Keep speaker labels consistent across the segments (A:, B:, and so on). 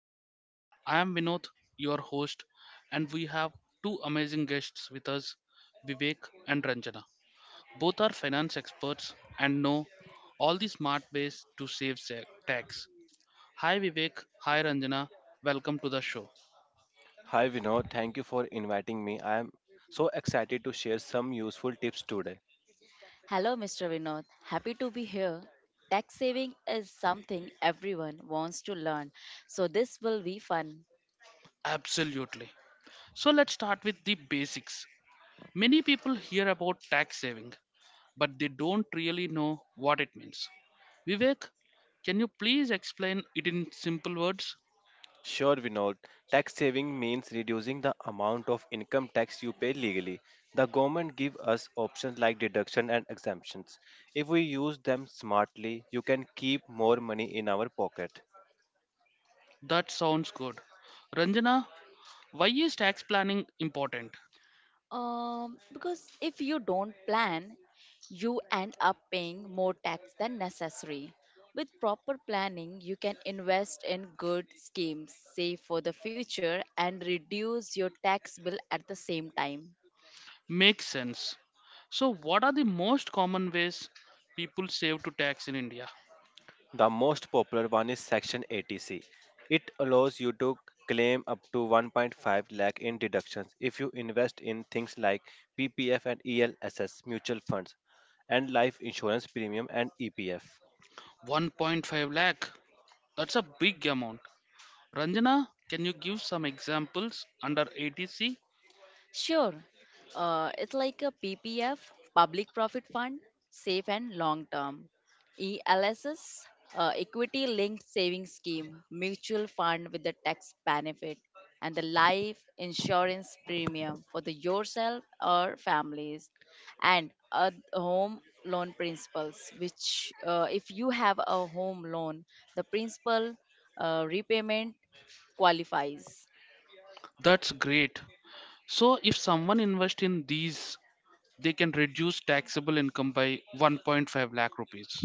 A: podcast. I am Vinod, your host, and we have two amazing guests with us, Vivek and Ranjana. Both are finance experts and know all the smart ways to tax. Hi, Vivek. Hi, Ranjana. Welcome to the show.
B: Hi Vinod, thank you for inviting me. I am so excited to share some useful tips today.
C: Hello, Mr. Vinod. Happy to be here. Tax saving is something everyone wants to learn, so this will be fun.
A: Absolutely. So, let's start with the basics. Many people hear about tax saving, but they don't really know what it means. Vivek, can you please explain it in simple words?
B: Sure, Vinod, tax saving means reducing the amount of income tax you pay legally. The government give us options like deduction and exemptions. If we use them smartly, you can keep more money in our pocket.
A: That sounds good. Ranjana, why is tax planning important?
C: Because if you don't plan, you end up paying more tax than necessary. With proper planning, you can invest in good schemes, save for the future, and reduce your tax bill at the same time.
A: Makes sense. So, what are the most common ways people save to tax in India?
B: The most popular one is Section 80C. It allows you to claim up to 1.5 lakh in deductions if you invest in things like PPF and ELSS mutual funds and life insurance premium and EPF.
A: 1.5 lakh. That's a big amount. Ranjana, can you give some examples under ATC?
C: Sure. It's like a PPF, public profit fund, safe and long term. ELSS, equity linked savings scheme, mutual fund with the tax benefit, and the life insurance premium for the yourself or families, and a home loan principles. Which, if you have a home loan, the principal repayment qualifies.
A: That's great. So, if someone invests in these, they can reduce taxable income by 1.5 lakh rupees.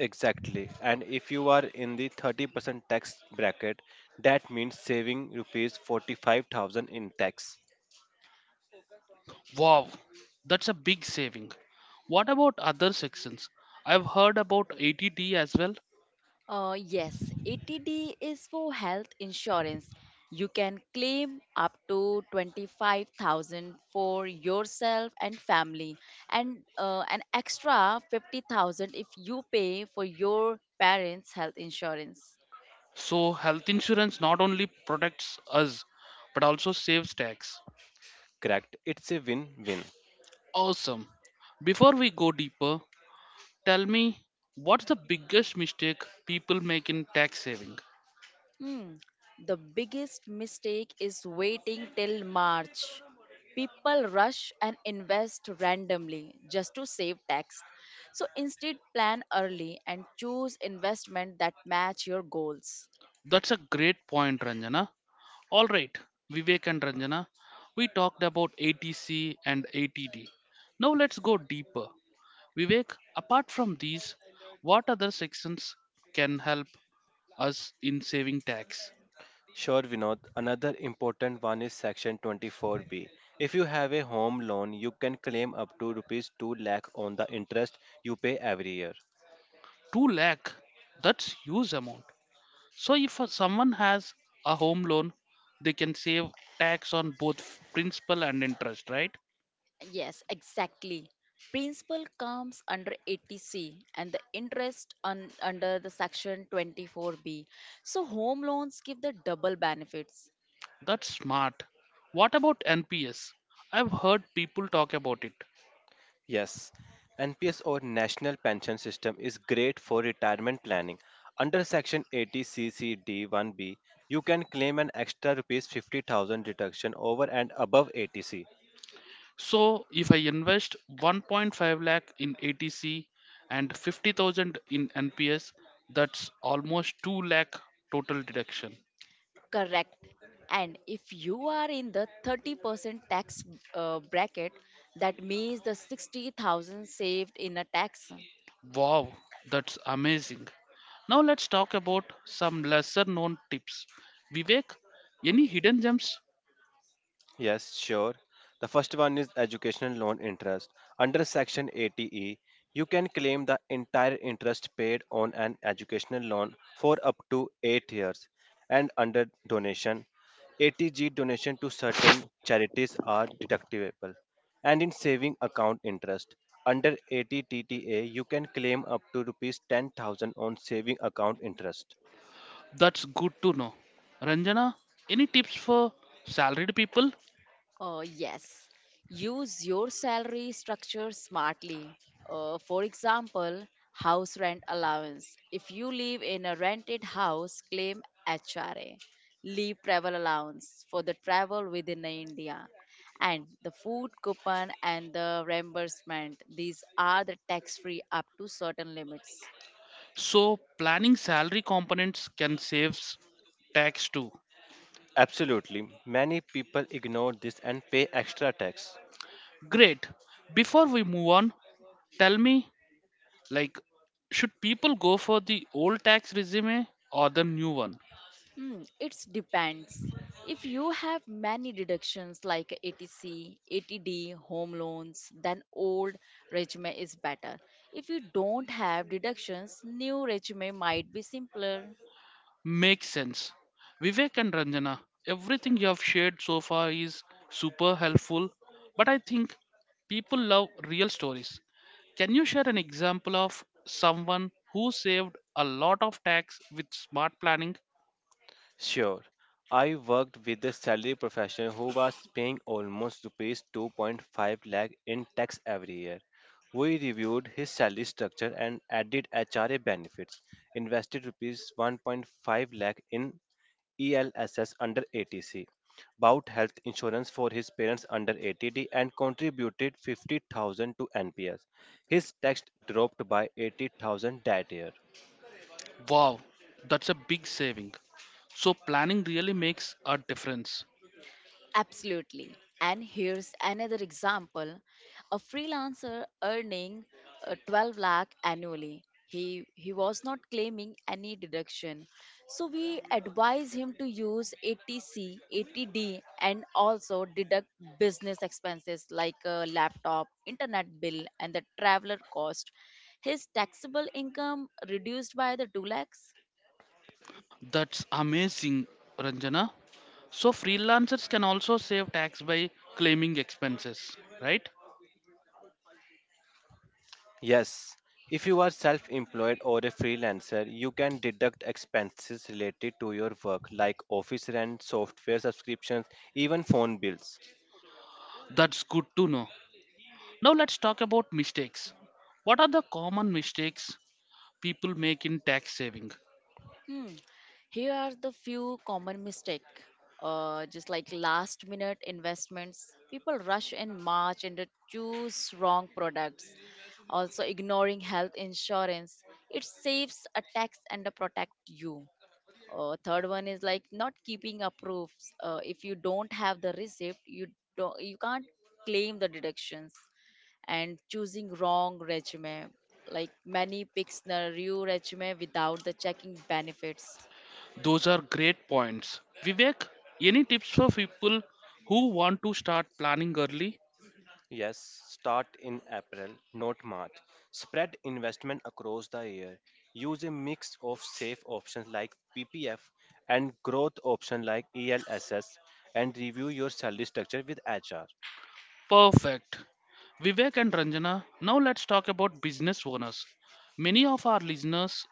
B: Exactly. And if you are in the 30% tax bracket, that means saving rupees 45,000 in tax.
A: Wow, that's a big saving. What about other sections? I've heard about ATD as well.
C: Yes, ATD is for health insurance. You can claim up to 25,000 for yourself and family, and an extra 50,000 if you pay for your parents' health insurance.
A: So, health insurance not only protects us but also saves tax.
B: Correct. It's a win-win.
A: Awesome. Before we go deeper, tell me, what's the biggest mistake people make in tax saving?
C: Hmm. The biggest mistake is waiting till March. People rush and invest randomly just to save tax. So instead, plan early and choose investment that match your goals.
A: That's a great point, Ranjana. All right, Vivek and Ranjana, we talked about ATC and ATD. Now let's go deeper. Vivek, apart from these, what other sections can help us in saving tax?
B: Sure, Vinod. Another important one is Section 24B. If you have a home loan, you can claim up to rupees 2 lakh on the interest you pay every year.
A: 2 lakh, that's huge amount. So if someone has a home loan, they can save tax on both principal and interest, right?
C: Yes, exactly. Principal comes under 80C and the interest under the section 24B. So home loans give the double benefits.
A: That's smart. What about NPS? I've heard people talk about it.
B: Yes, NPS or National Pension System is great for retirement planning. Under Section 80CCD1B, you can claim an extra rupees 50,000 deduction over and above ATC.
A: So if I invest 1.5 lakh in ATC and 50,000 in NPS, that's almost 2 lakh total deduction.
C: Correct. And if you are in the 30% tax bracket, that means the 60,000 saved in a tax.
A: Wow, that's amazing. Now let's talk about some lesser known tips. Vivek, any hidden gems?
B: Yes, sure. The first one is educational loan interest. Under Section 80E, you can claim the entire interest paid on an educational loan for up to 8 years. And under donation, 80G donation to certain charities are deductible. And in saving account interest, under 80TTA, you can claim up to rupees 10,000 on saving account interest.
A: That's good to know. Ranjana, any tips for salaried people?
C: Yes, use your salary structure smartly. For example, house rent allowance. If you live in a rented house, claim HRA. Leave travel allowance for the travel within India. And the food coupon and the reimbursement. These are the tax free up to certain limits.
A: So planning salary components can save tax too.
B: Absolutely. Many people ignore this and pay extra tax.
A: Great. Before we move on, tell me, like, should people go for the old tax regime or the new one?
C: It depends. If you have many deductions like ATC, ATD, home loans, then old resume is better. If you don't have deductions, new resume might be simpler.
A: Makes sense. Vivek and Ranjana, everything you have shared so far is super helpful, but I think people love real stories. Can you share an example of someone who saved a lot of tax with smart planning?
B: Sure. I worked with a salary professional who was paying almost rupees 2.5 lakh in tax every year. We reviewed his salary structure and added HRA benefits, invested rupees 1.5 lakh in ELSS under ATC, bought health insurance for his parents under ATD, and contributed 50,000 to NPS. His tax dropped by 80,000 that year.
A: Wow, that's a big saving. So, planning really makes a difference.
C: Absolutely. And here's another example, a freelancer earning 12 lakh annually. He was not claiming any deduction. So we advise him to use ATC, ATD, and also deduct business expenses like a laptop, internet bill, and the traveler cost. His taxable income reduced by the 2 lakhs.
A: That's amazing, Ranjana. So freelancers can also save tax by claiming expenses, right?
B: Yes, if you are self employed or a freelancer, you can deduct expenses related to your work like office rent, software subscriptions, even phone bills.
A: That's good to know. Now let's talk about mistakes. What are the common mistakes people make in tax saving?
C: Hmm. Here are the few common mistake. Just like last minute investments, people rush in March and they choose wrong products. Also, ignoring health insurance, it saves a tax and protect you. Third one is like not keeping a proofs. If you don't have the receipt, you can't claim the deductions. And choosing wrong resume, like many picks the new resume without the checking benefits.
A: Those are great points. Vivek, any tips for people who want to start planning early?
B: Yes, start in April, not March. Spread investment across the year. Use a mix of safe options like PPF and growth options like ELSS, and review your salary structure with HR.
A: Perfect. Vivek and Ranjana, now let's talk about business owners. Many of our listeners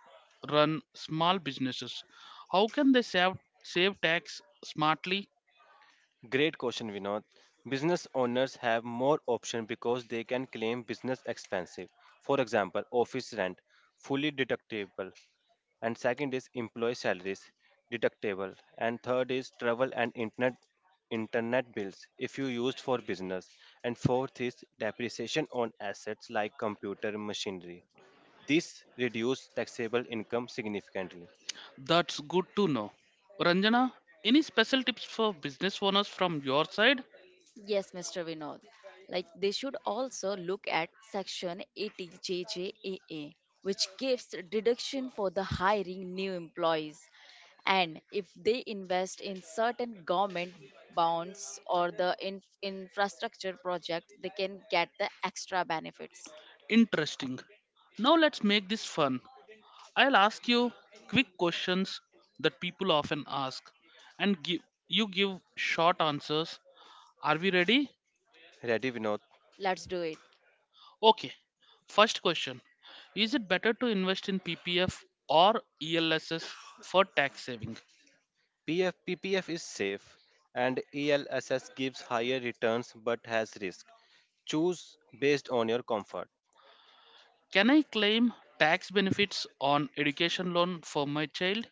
A: run small businesses. How can they save tax smartly?
B: Great question, Vinod. Business owners have more options because they can claim business expenses. For example, office rent, fully deductible. And second is employee salaries, deductible. And third is travel and internet bills if you used for business. And fourth is depreciation on assets like computer machinery. This reduce taxable income significantly.
A: That's good to know. Ranjana, any special tips for business owners from your side?
C: Yes, Mr. Vinod. Like they should also look at section 80JJAA, which gives deduction for the hiring new employees. And if they invest in certain government bonds or the infrastructure project, they can get the extra benefits.
A: Interesting. Now let's make this fun. I'll ask you quick questions that people often ask and give short answers. Are we ready?
B: Ready, Vinod?
C: Let's do it.
A: Okay. First question. Is it better to invest in PPF or ELSS for tax saving?
B: PF, PPF is safe, and ELSS gives higher returns but has risk. Choose based on your comfort.
A: Can I claim tax benefits on education loan for my child?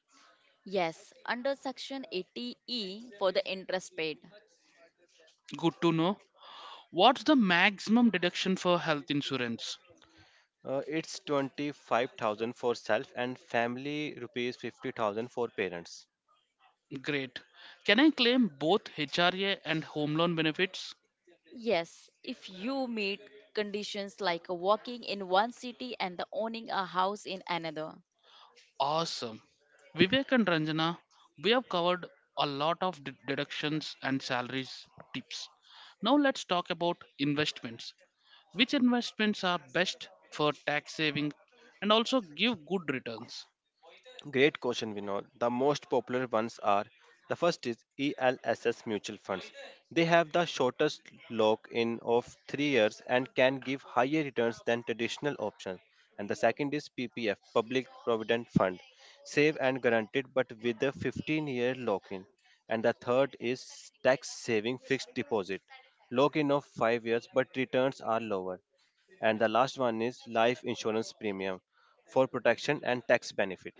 C: Yes, under section 80E for the interest paid.
A: Good to know. What's the maximum deduction for health insurance?
B: It's 25,000 for self and family, rupees 50,000 for parents.
A: Great. Can I claim both HRA and home loan benefits?
C: Yes, if you meet conditions like working in one city and the owning a house in another.
A: Awesome. Vivek and Ranjana, we have covered a lot of deductions and salaries tips. Now let's talk about investments. Which investments are best for tax saving and also give good returns?
B: Great question, Vinod. The most popular ones are, the first is ELSS mutual funds. They have the shortest lock in of 3 years and can give higher returns than traditional options. And the second is PPF, Public Provident Fund, safe and guaranteed but with a 15-year lock in. And the third is tax saving fixed deposit, lock in of 5 years but returns are lower. And the last one is life insurance premium for protection and tax benefit.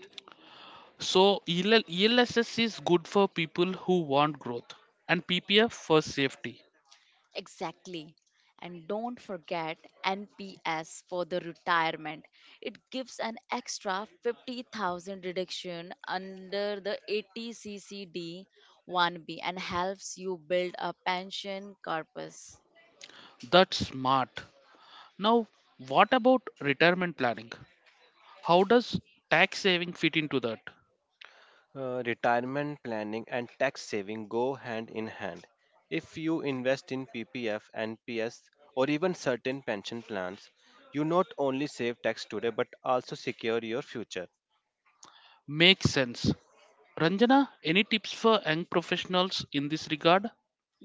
A: So ELSS is good for people who want growth and PPF for safety.
C: Exactly. And don't forget NPS for the retirement. It gives an extra 50,000 reduction under the 80 CCD 1B and helps you build a pension corpus.
A: That's smart. Now, what about retirement planning? How does tax saving fit into that?
B: Retirement planning and tax saving go hand in hand. If you invest in PPF, NPS, or even certain pension plans, you not only save tax today but also secure your future.
A: Makes sense. Ranjana, any tips for young professionals in this regard?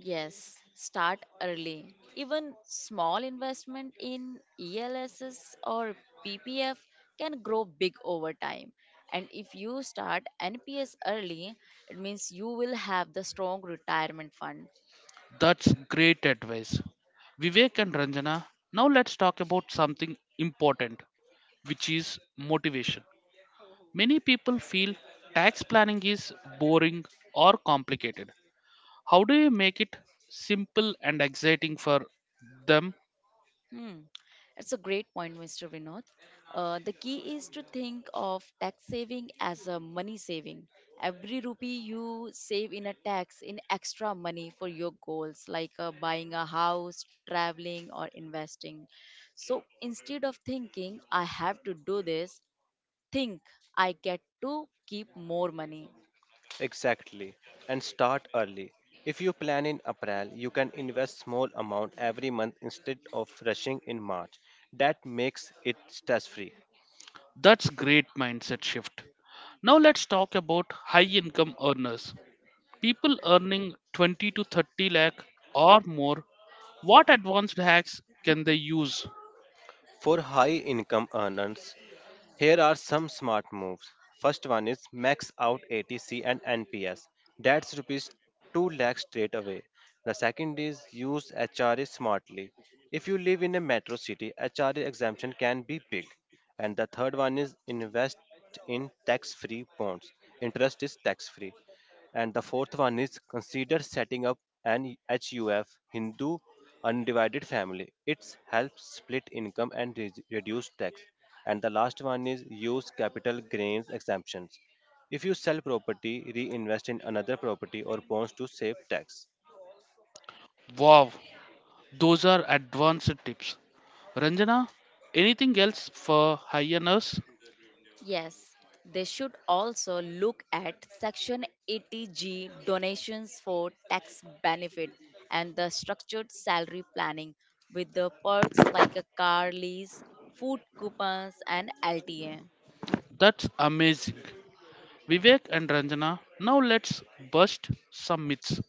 C: Yes, start early. Even small investment in ELSs or PPF can grow big over time. And if you start NPS early, it means you will have the strong retirement fund.
A: That's great advice. Vivek and Ranjana, now let's talk about something important, which is motivation. Many people feel tax planning is boring or complicated. How do you make it simple and exciting for them?
C: Hmm. That's a great point, Mr. Vinod. The key is to think of tax saving as a money saving. Every rupee you save in a tax in extra money for your goals, like buying a house, traveling, or investing. So instead of thinking, I have to do this, think I get to keep more money.
B: Exactly. And start early. If you plan in April, you can invest small amount every month instead of rushing in March. That makes it stress free.
A: That's great mindset shift. Now let's talk about high income earners. People earning 20 to 30 lakh or more, what advanced hacks can they use?
B: For high income earners, here are some smart moves. First one is max out ATC and NPS. That's rupees 2 lakh straight away. The second is use HRA smartly. If you live in a metro city, HRA exemption can be big. And the third one is invest in tax free bonds. Interest is tax free. And the fourth one is consider setting up an HUF, Hindu undivided family. It helps split income and reduce tax. And the last one is use capital gains exemptions. If you sell property, reinvest in another property or bonds to save tax.
A: Wow, those are advanced tips. Ranjana, anything else for high earners?
C: Yes, they should also look at Section 80G donations for tax benefit and the structured salary planning with the perks like a car lease, food coupons, and LTA.
A: That's amazing. Vivek and Ranjana, now let's bust some myths.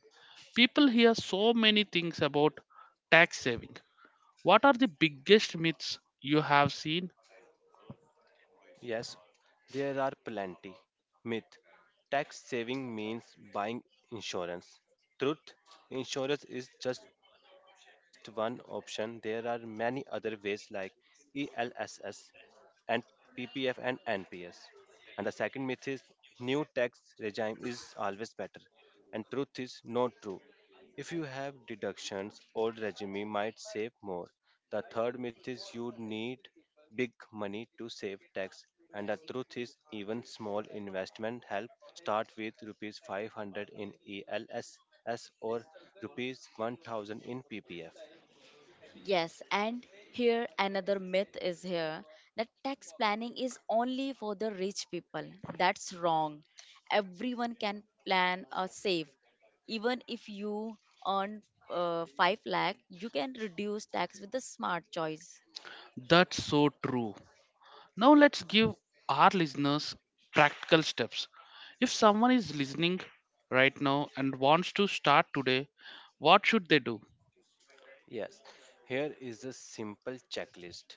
A: People hear so many things about tax saving. What are the biggest myths you have seen?
B: Yes, there are plenty. Myth: tax saving means buying insurance. Truth: insurance is just one option. There are many other ways like ELSS, and PPF and NPS. And the second myth is new tax regime is always better. And truth is not true. If you have deductions, old regime might save more. The third myth is you need big money to save tax. And the truth is even small investment help, start with rupees 500 in ELSS or rupees 1000 in PPF.
C: Yes, and here another myth is here that tax planning is only for the rich people. That's wrong. Everyone can plan or save. Even if you earn 5 lakh, you can reduce tax with a smart choice.
A: That's so true. Now let's give our listeners practical steps. If someone is listening right now and wants to start today, what should they do?
B: Yes, here is a simple checklist.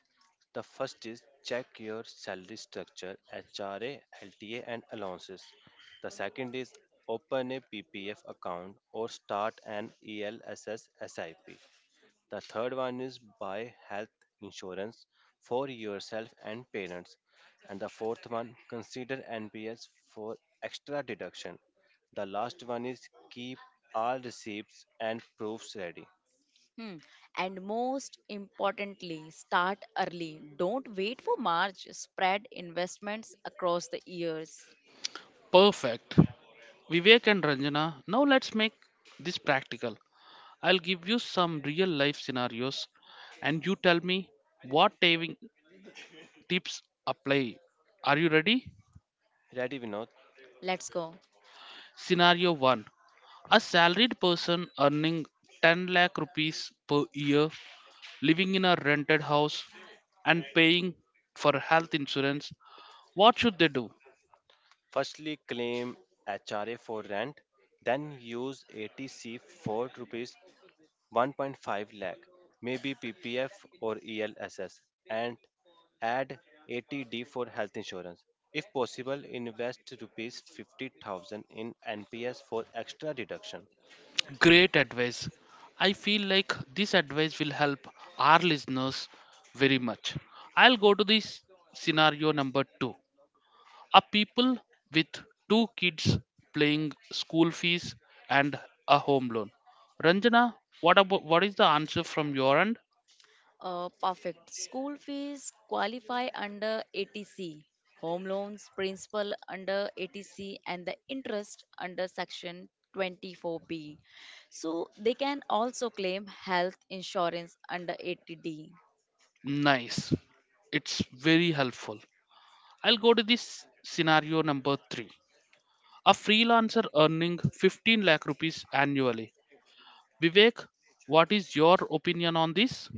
B: The first is check your salary structure, HRA, LTA, and allowances. The second is open a PPF account or start an ELSS SIP. The third one is buy health insurance for yourself and parents. And the fourth one, consider NPS for extra deduction. The last one is keep all receipts and proofs ready.
C: Hmm. And most importantly, start early. Don't wait for March. Spread investments across the years.
A: Perfect. Vivek and Ranjana, now let's make this practical. I'll give you some real life scenarios and you tell me what saving tips apply. Are you ready?
B: Ready, Vinod?
C: Let's go.
A: Scenario 1: a salaried person earning 10 lakh rupees per year, living in a rented house, and paying for health insurance, what should they do?
B: Firstly, claim HRA for rent, then use ATC for rupees 1.5 lakh, maybe PPF or ELSS, and add ATD for health insurance. If possible, invest rupees 50,000 in NPS for extra deduction.
A: Great advice. I feel like this advice will help our listeners very much. I'll go to this scenario number two. A people with 2 kids paying school fees and a home loan. Ranjana, what about, what is the answer from your end?
C: Perfect. School fees qualify under ATC, home loans principal under ATC, and the interest under section 24B. So they can also claim health insurance under ATD.
A: Nice. It's very helpful. I'll go to this scenario number three. A freelancer earning 15 lakh rupees annually. Vivek, what is your opinion on this?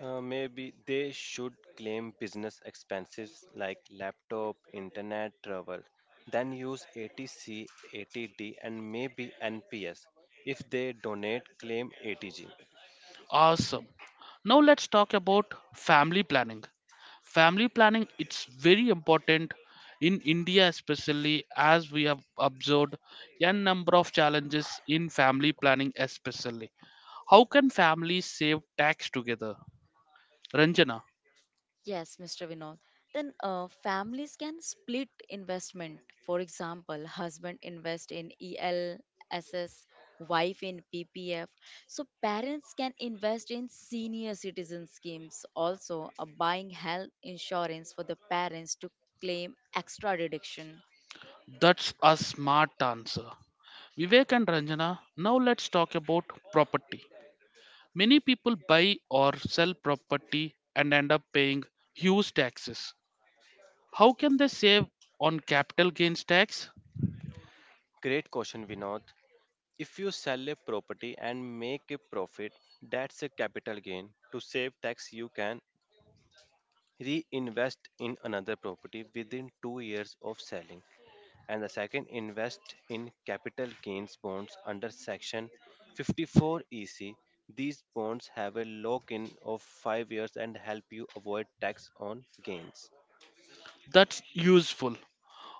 B: Maybe they should claim business expenses like laptop, internet, travel, then use ATC, ATD, and maybe NPS. If they donate, claim ATG.
A: Awesome. Now let's talk about family planning. Family planning, it's very important in India, especially as we have observed a number of challenges in family planning especially. How can families save tax together? Ranjana?
C: Yes, Mr. Vinod. Then families can split investment. For example, husband invest in ELSS, wife in PPF. So parents can invest in senior citizen schemes. Also, buying health insurance for the parents to claim extra deduction.
A: That's a smart answer. Vivek and Ranjana, now let's talk about property. Many people buy or sell property and end up paying huge taxes. How can they save on capital gains tax?
B: Great question, Vinod. If you sell a property and make a profit, that's a capital gain. To save tax, you can reinvest in another property within 2 years of selling, and the second, invest in capital gains bonds under Section 54 EC. These bonds have a lock in of 5 years and help you avoid tax on gains.
A: That's useful.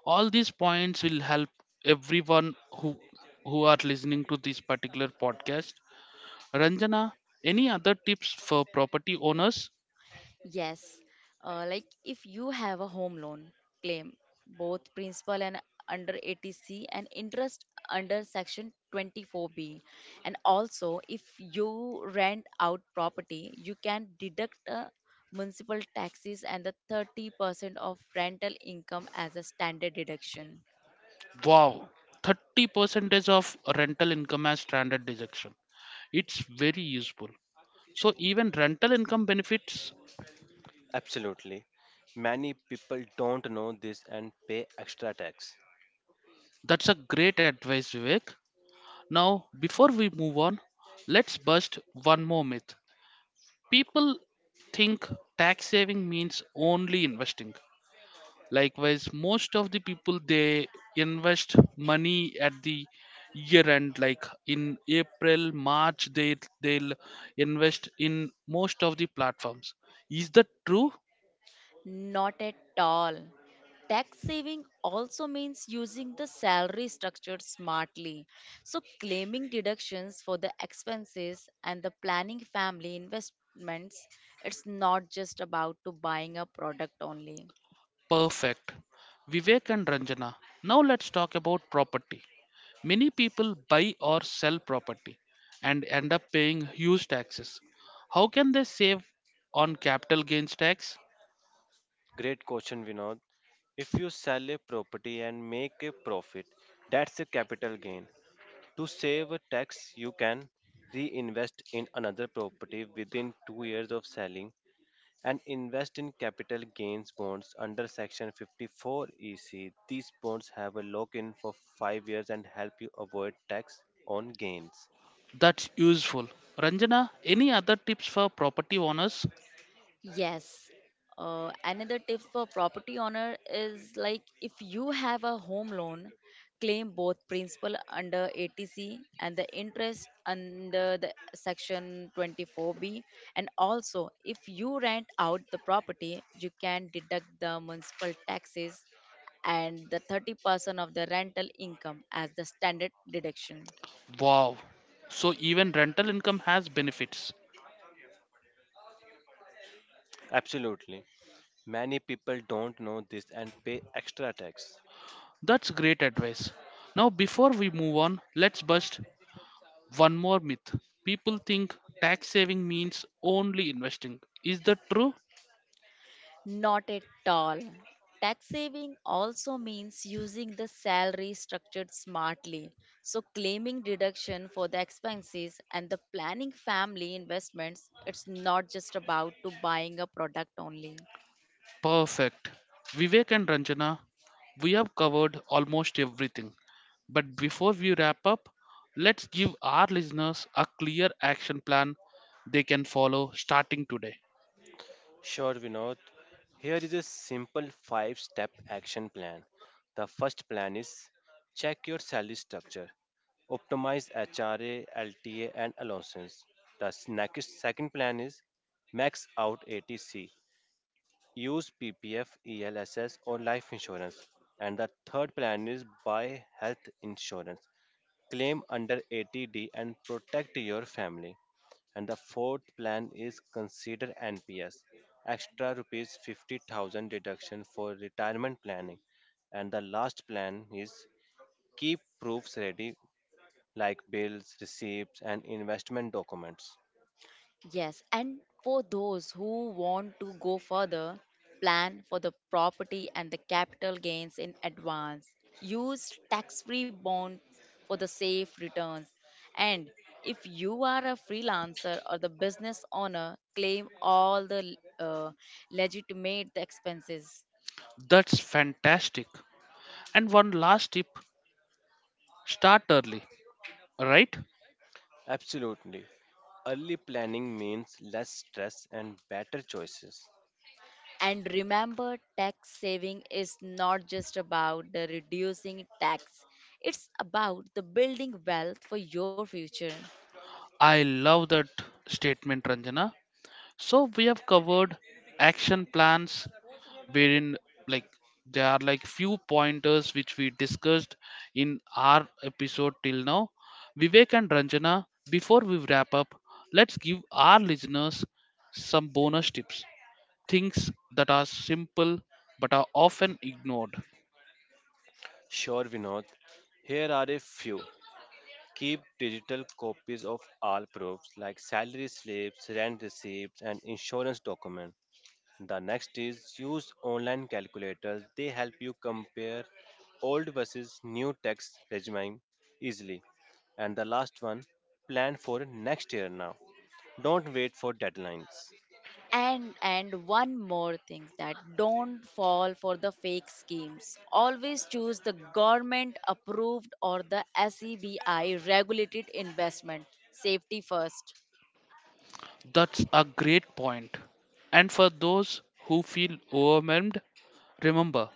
A: All these points will help everyone who are listening to this particular podcast. Ranjana, any other tips for property owners?
C: Yes, like if you have a home loan claim, both principal and under ATC and interest under section 24B. And also, if you rent out property, you can deduct municipal taxes and the 30% of rental income as a standard deduction.
A: Wow, 30 percentage of rental income as standard deduction. It's very useful. So even rental income benefits.
B: Absolutely, many people don't know this and pay extra tax.
A: That's a great advice, Vivek. Now, before we move on, let's bust one more myth. People think tax saving means only investing. Likewise, most of the people, they invest money at the year end, like in april march, they'll invest in most of the platforms. Is that true?
C: Not at all. Tax saving also means using the salary structure smartly. So, claiming deductions for the expenses and the planning family investments, it's not just about to buying a product only.
A: Perfect. Vivek and Ranjana, now let's talk about property. Many people buy or sell property and end up paying huge taxes. How can they save on capital gains tax?
B: Great question, Vinod. If you sell a property and make a profit, that's a capital gain. To save a tax, you can reinvest in another property within 2 years of selling, and invest in capital gains bonds under Section 54 EC. These bonds have a lock in for 5 years and help you avoid tax on gains.
A: That's useful. Ranjana, any other tips for property owners?
C: Yes. Another tip for property owner is like if you have a home loan, claim both principal under ATC and the interest under the section 24B. And also, if you rent out the property, you can deduct the municipal taxes and the 30% of the rental income as the standard deduction.
A: Wow. So even rental income has benefits.
B: Absolutely. Many people don't know this and pay extra tax.
A: That's great advice. Now before we move on, let's bust one more myth. People think tax saving means only investing. Is that true?
C: Not at all. Tax saving also means using the salary structured smartly. So, claiming deduction for the expenses and the planning family investments, it's not just about to buying a product only.
A: Perfect. Vivek and Ranjana, we have covered almost everything. But before we wrap up, let's give our listeners a clear action plan they can follow starting today.
B: Sure, Vinod. Here is a simple five step action plan. The first plan is check your salary structure, optimize HRA, LTA, and allowances. The next second plan is max out ATC. Use PPF, ELSS, or life insurance. And the third plan is buy health insurance. Claim under 80D and protect your family. And the fourth plan is consider NPS. Extra rupees 50,000 deduction for retirement planning. And the last plan is keep proofs ready like bills, receipts, and investment documents.
C: Yes, and for those who want to go further, plan for the property and the capital gains in advance. Use tax free bonds for the safe returns. And if you are a freelancer or the business owner, claim all the legitimate expenses.
A: That's fantastic. And one last tip: start early, right?
B: Absolutely. Early planning means less stress and better choices.
C: And remember, tax saving is not just about the reducing tax, it's about the building wealth for your future.
A: I love that statement, Ranjana. So we have covered action plans wherein, like, there are like few pointers which we discussed in our episode till now. Vivek and Ranjana, before we wrap up, let's give our listeners some bonus tips. Things that are simple but are often ignored.
B: Sure, Vinod. Here are a few. Keep digital copies of all proofs like salary slips, rent receipts, and insurance documents. The next is use online calculators. They help you compare old versus new tax regime easily. And the last one, plan for next year now. Don't wait for deadlines.
C: And one more thing that don't fall for the fake schemes. Always choose the government approved or the SEBI regulated investment. Safety first.
A: That's a great point. And for those who feel overwhelmed, remember,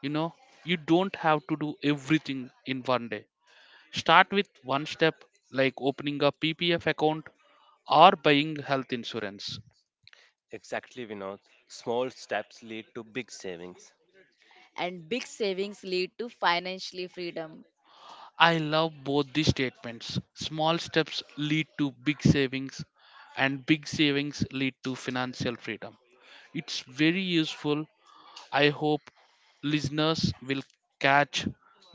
A: you know, you don't have to do everything in 1 day. Start with one step like opening a PPF account or buying health insurance.
B: Exactly, Vinod. Small steps lead to big savings.
C: And big savings lead to financially freedom.
A: I love both these statements. Small steps lead to big savings, and big savings lead to financial freedom. It's very useful. I hope listeners will catch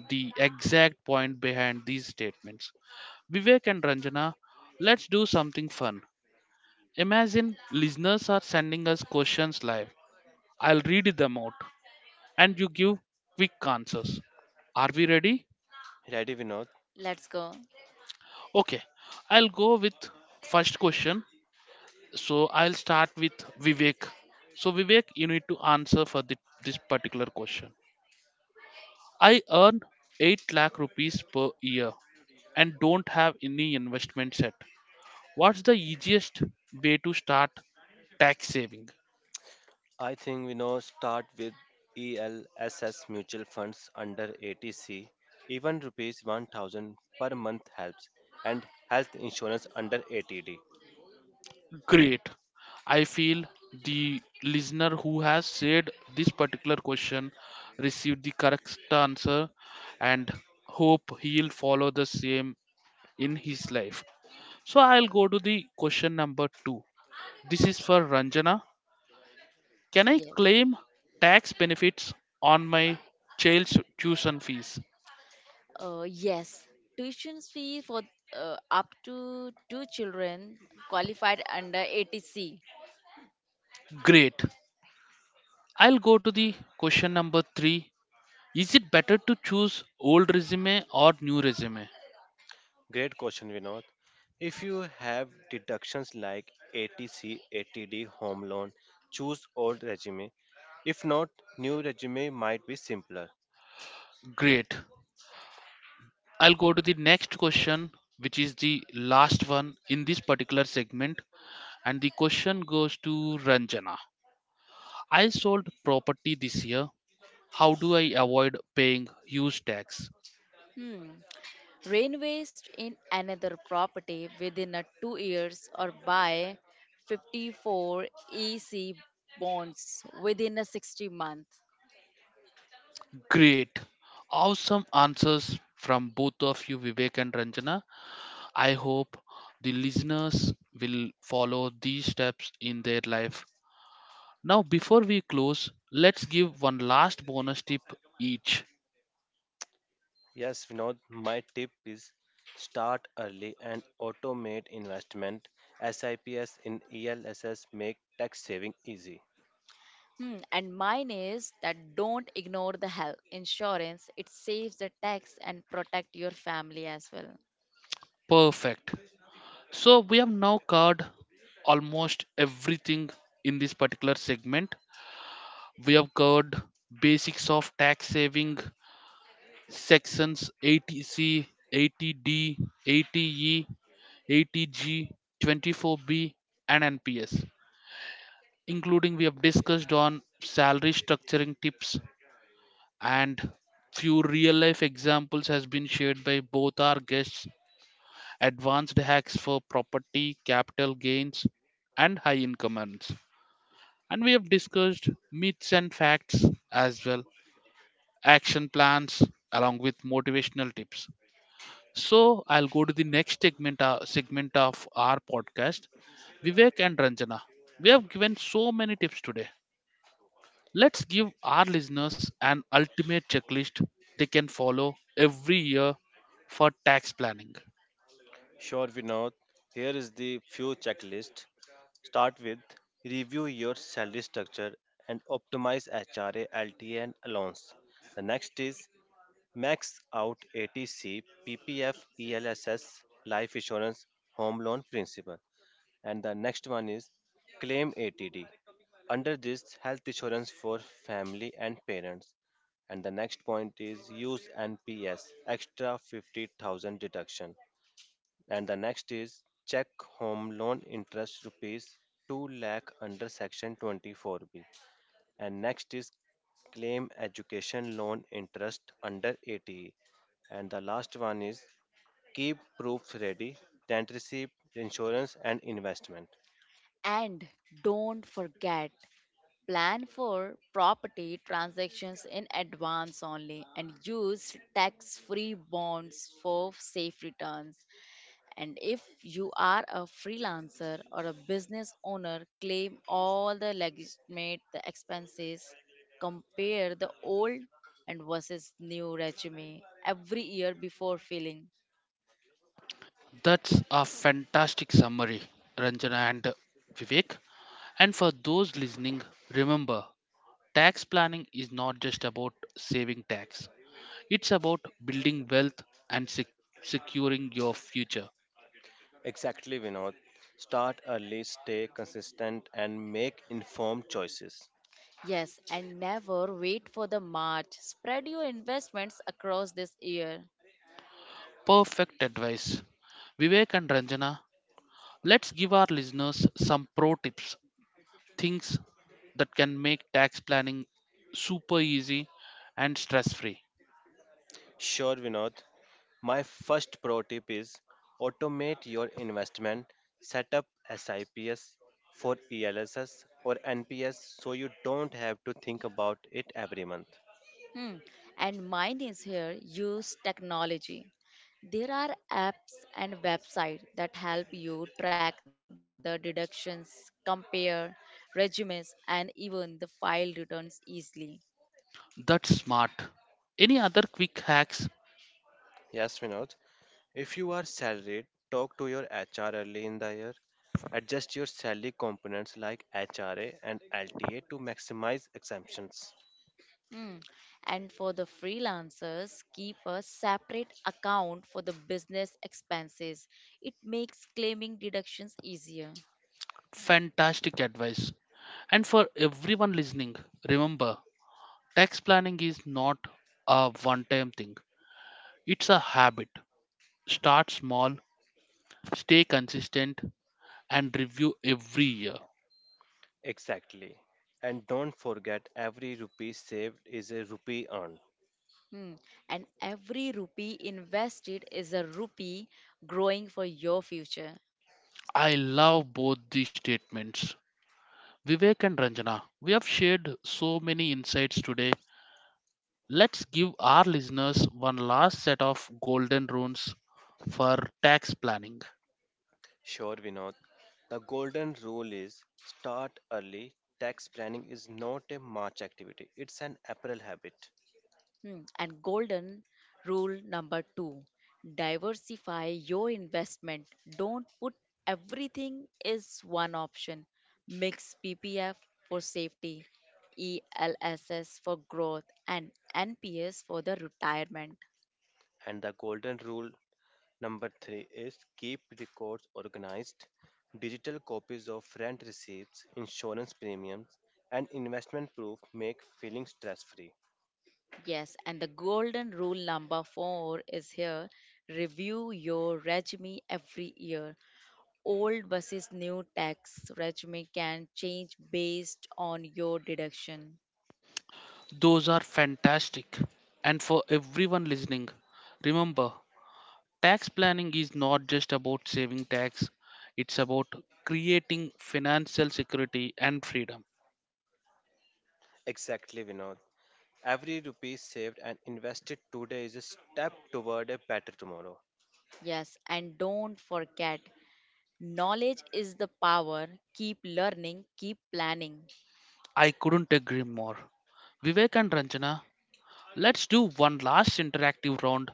A: the exact point behind these statements. Vivek and Ranjana, let's do something fun. Imagine listeners are sending us questions live. I'll read them out and you give quick answers. Are we ready?
B: Ready, Vinod?
C: Let's go.
A: Okay, I'll go with first question. So I'll start with Vivek. So Vivek, you need to answer for the, this particular question. I earn 8 lakh rupees per year and don't have any investment set. What's the easiest way to start tax saving?
B: I think we know, start with ELSS mutual funds under ATC. Even rupees 1000 per month helps, and health insurance under ATD.
A: Great. I feel the listener who has said this particular question received the correct answer and hope he'll follow the same in his life. So I'll go to the question number two. This is for Ranjana. Can I
C: Yes.
A: claim tax benefits on my child's tuition fees?
C: Yes. Tuition fee for up to two children qualified under ATC.
A: Great. I'll go to the question number three. Is it better to choose old resume or new resume?
B: Great question, Vinod. If you have deductions like ATC, ATD, home loan, choose old regime. If not, new regime might be simpler.
A: Great. I'll go to the next question, which is the last one in this particular segment. And the question goes to Ranjana. I sold property this year. How do I avoid paying huge tax?
C: Hmm. Rain waste in another property within a two years or buy 54 EC bonds within a 60 month.
A: Great. Awesome answers from both of you, Vivek and Ranjana. I hope the listeners will follow these steps in their life. Now, before we close, let's give one last bonus tip each.
B: Yes, Vinod, my tip is start early and automate investment. SIPs in ELSS make tax saving easy.
C: Hmm. And mine is that don't ignore the health insurance. It saves the tax and protect your family as well.
A: Perfect. So, we have now covered almost everything in this particular segment. We have covered basics of tax saving, Sections 80C, 80D, 80E, 80G, 24B, and NPS, including we have discussed on salary structuring tips and few real life examples has been shared by both our guests, advanced hacks for property capital gains and high income earns, and we have discussed myths and facts as well, action plans along with motivational tips. So I'll go to the next segment, segment of our podcast, Vivek and Ranjana. We have given so many tips today. Let's give our listeners an ultimate checklist they can follow every year for tax planning.
B: Sure, Vinod, here is the few checklist. Start with review your salary structure and optimize HRA, LTA, and allowance. The next is max out ATC, PPF, ELSS, life insurance, home loan principal. And the next one is claim ATD. Under this, health insurance for family and parents. And the next point is use NPS, extra 50,000 deduction. And the next is check home loan interest rupees 2 lakh under Section 24B. And next is claim education loan interest under ATE. And the last one is keep proofs ready, rent receipt, insurance and investment.
C: And don't forget plan for property transactions in advance only and use tax free bonds for safe returns. And if you are a freelancer or a business owner, claim all the legitimate the expenses, compare the old and versus new resume every year before filling.
A: That's a fantastic summary, Ranjana and Vivek. And for those listening, remember, tax planning is not just about saving tax, it's about building wealth and securing your future.
B: Exactly, Vinod. Start early, stay consistent, and make informed choices.
C: Yes, and never wait for the March. Spread your investments across this year.
A: Perfect advice. Vivek and Ranjana, let's give our listeners some pro tips, things that can make tax planning super easy and stress free.
B: Sure, Vinod. My first pro tip is automate your investment. Set up SIPs for ELSS or NPS so you don't have to think about it every month.
C: Hmm. And mine is here use technology. There are apps and websites that help you track the deductions, compare resumes, and even the file returns easily.
A: That's smart. Any other quick hacks?
B: Yes, Vinod. If you are salaried, talk to your HR early in the year. Adjust your salary components like HRA and LTA to maximize exemptions.
C: Hmm. And for the freelancers, keep a separate account for the business expenses. It makes claiming deductions easier.
A: Fantastic advice. And for everyone listening, remember, tax planning is not a one time thing, it's a habit. Start small, stay consistent, and review every year.
B: Exactly. And don't forget, every rupee saved is a rupee earned.
C: Hmm. And every rupee invested is a rupee growing for your future.
A: I love both these statements. Vivek and Ranjana, we have shared so many insights today. Let's give our listeners one last set of golden rules for tax planning.
B: Sure, Vinod. The golden rule is start early. Tax planning is not a March activity, it's an April habit.
C: And golden rule number two, diversify your investment. Don't put everything is one option. Mix PPF for safety, ELSS for growth, and NPS for the retirement.
B: And the golden rule number three is keep records organized. Digital copies of rent receipts, insurance premiums, and investment proof make feeling stress free.
C: Yes, and the golden rule number four is here review your resume every year. Old versus new tax resume can change based on your deduction.
A: Those are fantastic. And for everyone listening, remember, tax planning is not just about saving tax, it's about creating financial security and freedom.
B: Exactly, Vinod. Every rupee saved and invested today is a step toward a better tomorrow.
C: Yes, and don't forget, knowledge is the power. Keep learning, keep planning.
A: I couldn't agree more. Vivek and Ranjana, let's do one last interactive round.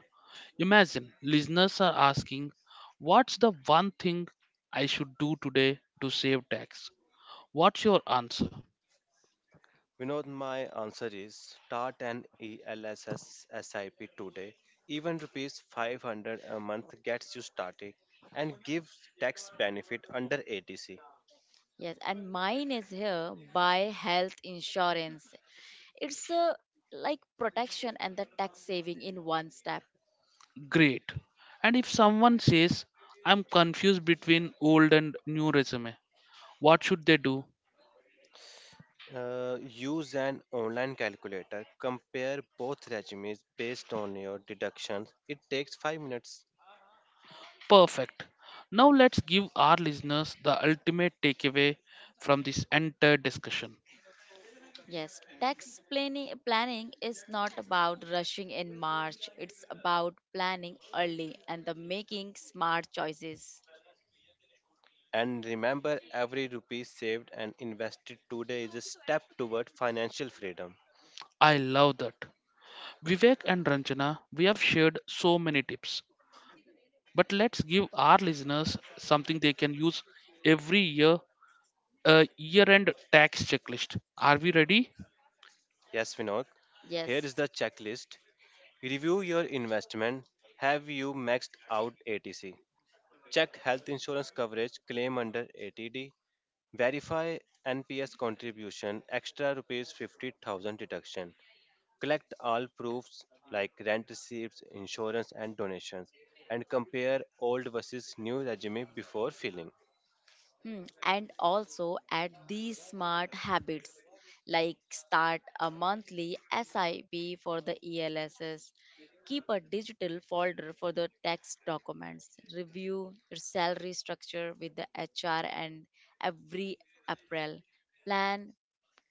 A: Imagine listeners are asking, "What's the one thing I should do today to save tax?" What's your answer?
B: You know, my answer is start an ELSS SIP today. Even rupees 500 a month gets you started and gives tax benefit under ATC.
C: Yes, and mine is here by health insurance. It's a like protection and the tax saving in one step.
A: Great. And if someone says, "I'm confused between old and new resume," what should they do?
B: Use an online calculator. Compare both regimes based on your deductions. It takes 5 minutes.
A: Perfect. Now let's give our listeners the ultimate takeaway from this entire discussion.
C: Yes, tax planning is not about rushing in March. It's about planning early and the making smart choices.
B: And remember, every rupee saved and invested today is a step toward financial freedom.
A: I love that. Vivek and Ranjana, we have shared so many tips, but let's give our listeners something they can use every year, a year end tax checklist. Are we ready?
B: Yes, Vinod. Here
C: Yes.
B: is the checklist. Review your investment. Have you maxed out ATC? Check health insurance coverage, claim under ATD. Verify NPS contribution, extra rupees 50,000 deduction. Collect all proofs like rent receipts, insurance and donations, and compare old versus new resume before filling.
C: And also add these smart habits like start a monthly SIP for the ELSs, keep a digital folder for the tax documents, review your salary structure with the HR and every April, plan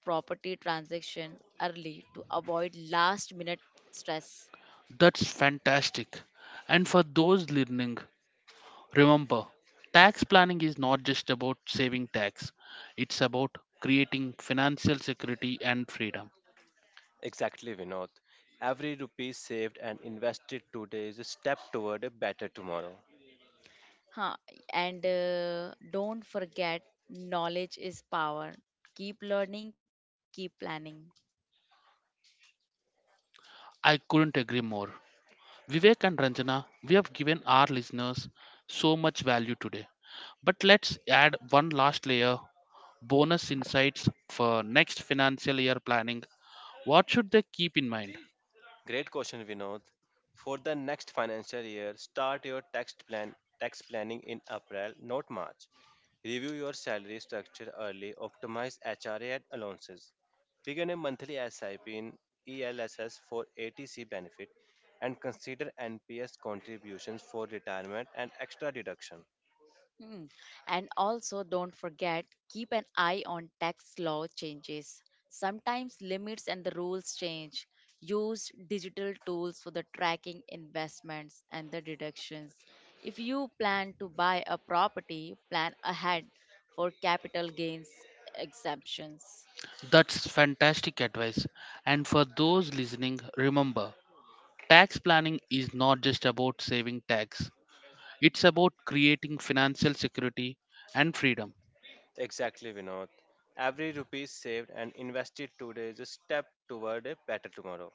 C: property transaction early to avoid last minute stress.
A: That's fantastic. And for those listening, remember, tax planning is not just about saving tax, it's about creating financial security and freedom.
B: Exactly, Vinod. Every rupee saved and invested today is a step toward a better tomorrow.
C: Huh. And don't forget, knowledge is power. Keep learning, keep planning.
A: I couldn't agree more. Vivek and Ranjana, we have given our listeners so much value today. But let's add one last layer, bonus insights for next financial year planning. What should they keep in mind?
B: Great question, Vinod. For the next financial year, start your tax planning in April, not March. Review your salary structure early, optimize HRA and allowances. Begin a monthly SIP in ELSS for ATC benefit, and consider NPS contributions for retirement and extra deduction.
C: Mm. And also, don't forget, keep an eye on tax law changes. Sometimes limits and the rules change. Use digital tools for the tracking investments and the deductions. If you plan to buy a property, plan ahead for capital gains exemptions.
A: That's fantastic advice. And for those listening, remember, tax planning is not just about saving tax, it's about creating financial security and freedom.
B: Exactly, Vinod. Every rupee saved and invested today is a step toward a better tomorrow.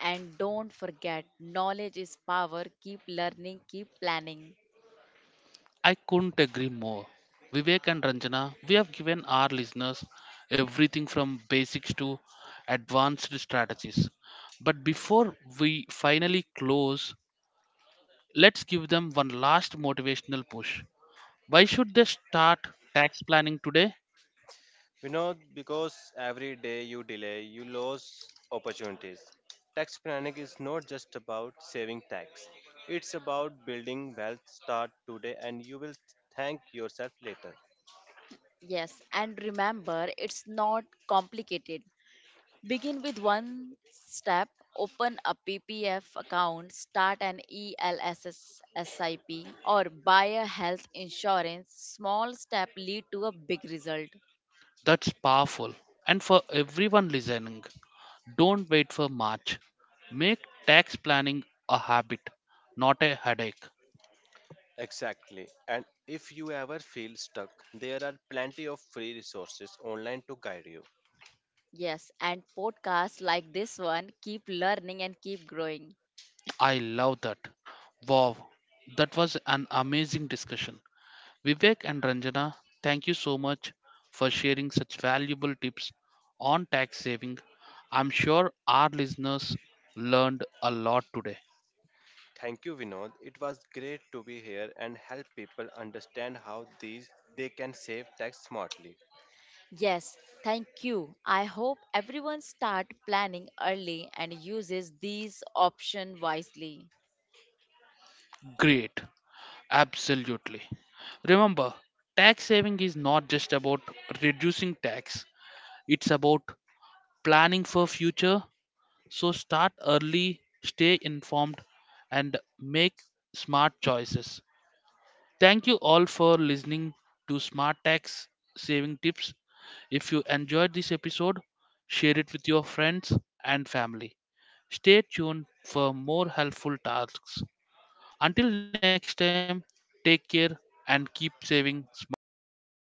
C: And don't forget, knowledge is power. Keep learning, keep planning.
A: I couldn't agree more. Vivek and Ranjana, we have given our listeners everything from basics to advanced strategies. But before we finally close, let's give them one last motivational push. Why should they start tax planning today?
B: You know, because every day you delay, you lose opportunities. Tax planning is not just about saving tax, it's about building wealth. Start today, and you will thank yourself later.
C: Yes, and remember, it's not complicated. Begin with one step, open a PPF account, start an ELSS SIP, or buy a health insurance. Small step lead to a big result.
A: That's powerful. And for everyone listening, don't wait for March. Make tax planning a habit, not a headache.
B: Exactly. And if you ever feel stuck, there are plenty of free resources online to guide you.
C: Yes, and podcasts like this one keep learning and keep growing.
A: I love that. Wow, that was an amazing discussion. Vivek and Ranjana, thank you so much for sharing such valuable tips on tax saving. I'm sure our listeners learned a lot today.
B: Thank you, Vinod. It was great to be here and help people understand how these they can save tax smartly.
C: Yes, thank you. I hope everyone start planning early and uses these option wisely.
A: Great. Absolutely. Remember, tax saving is not just about reducing tax, it's about planning for future. So start early, stay informed and make smart choices. Thank you all for listening to Smart Tax Saving Tips. If you enjoyed this episode, share it with your friends and family. Stay tuned for more helpful tasks. Until next time, take care and keep saving smartly.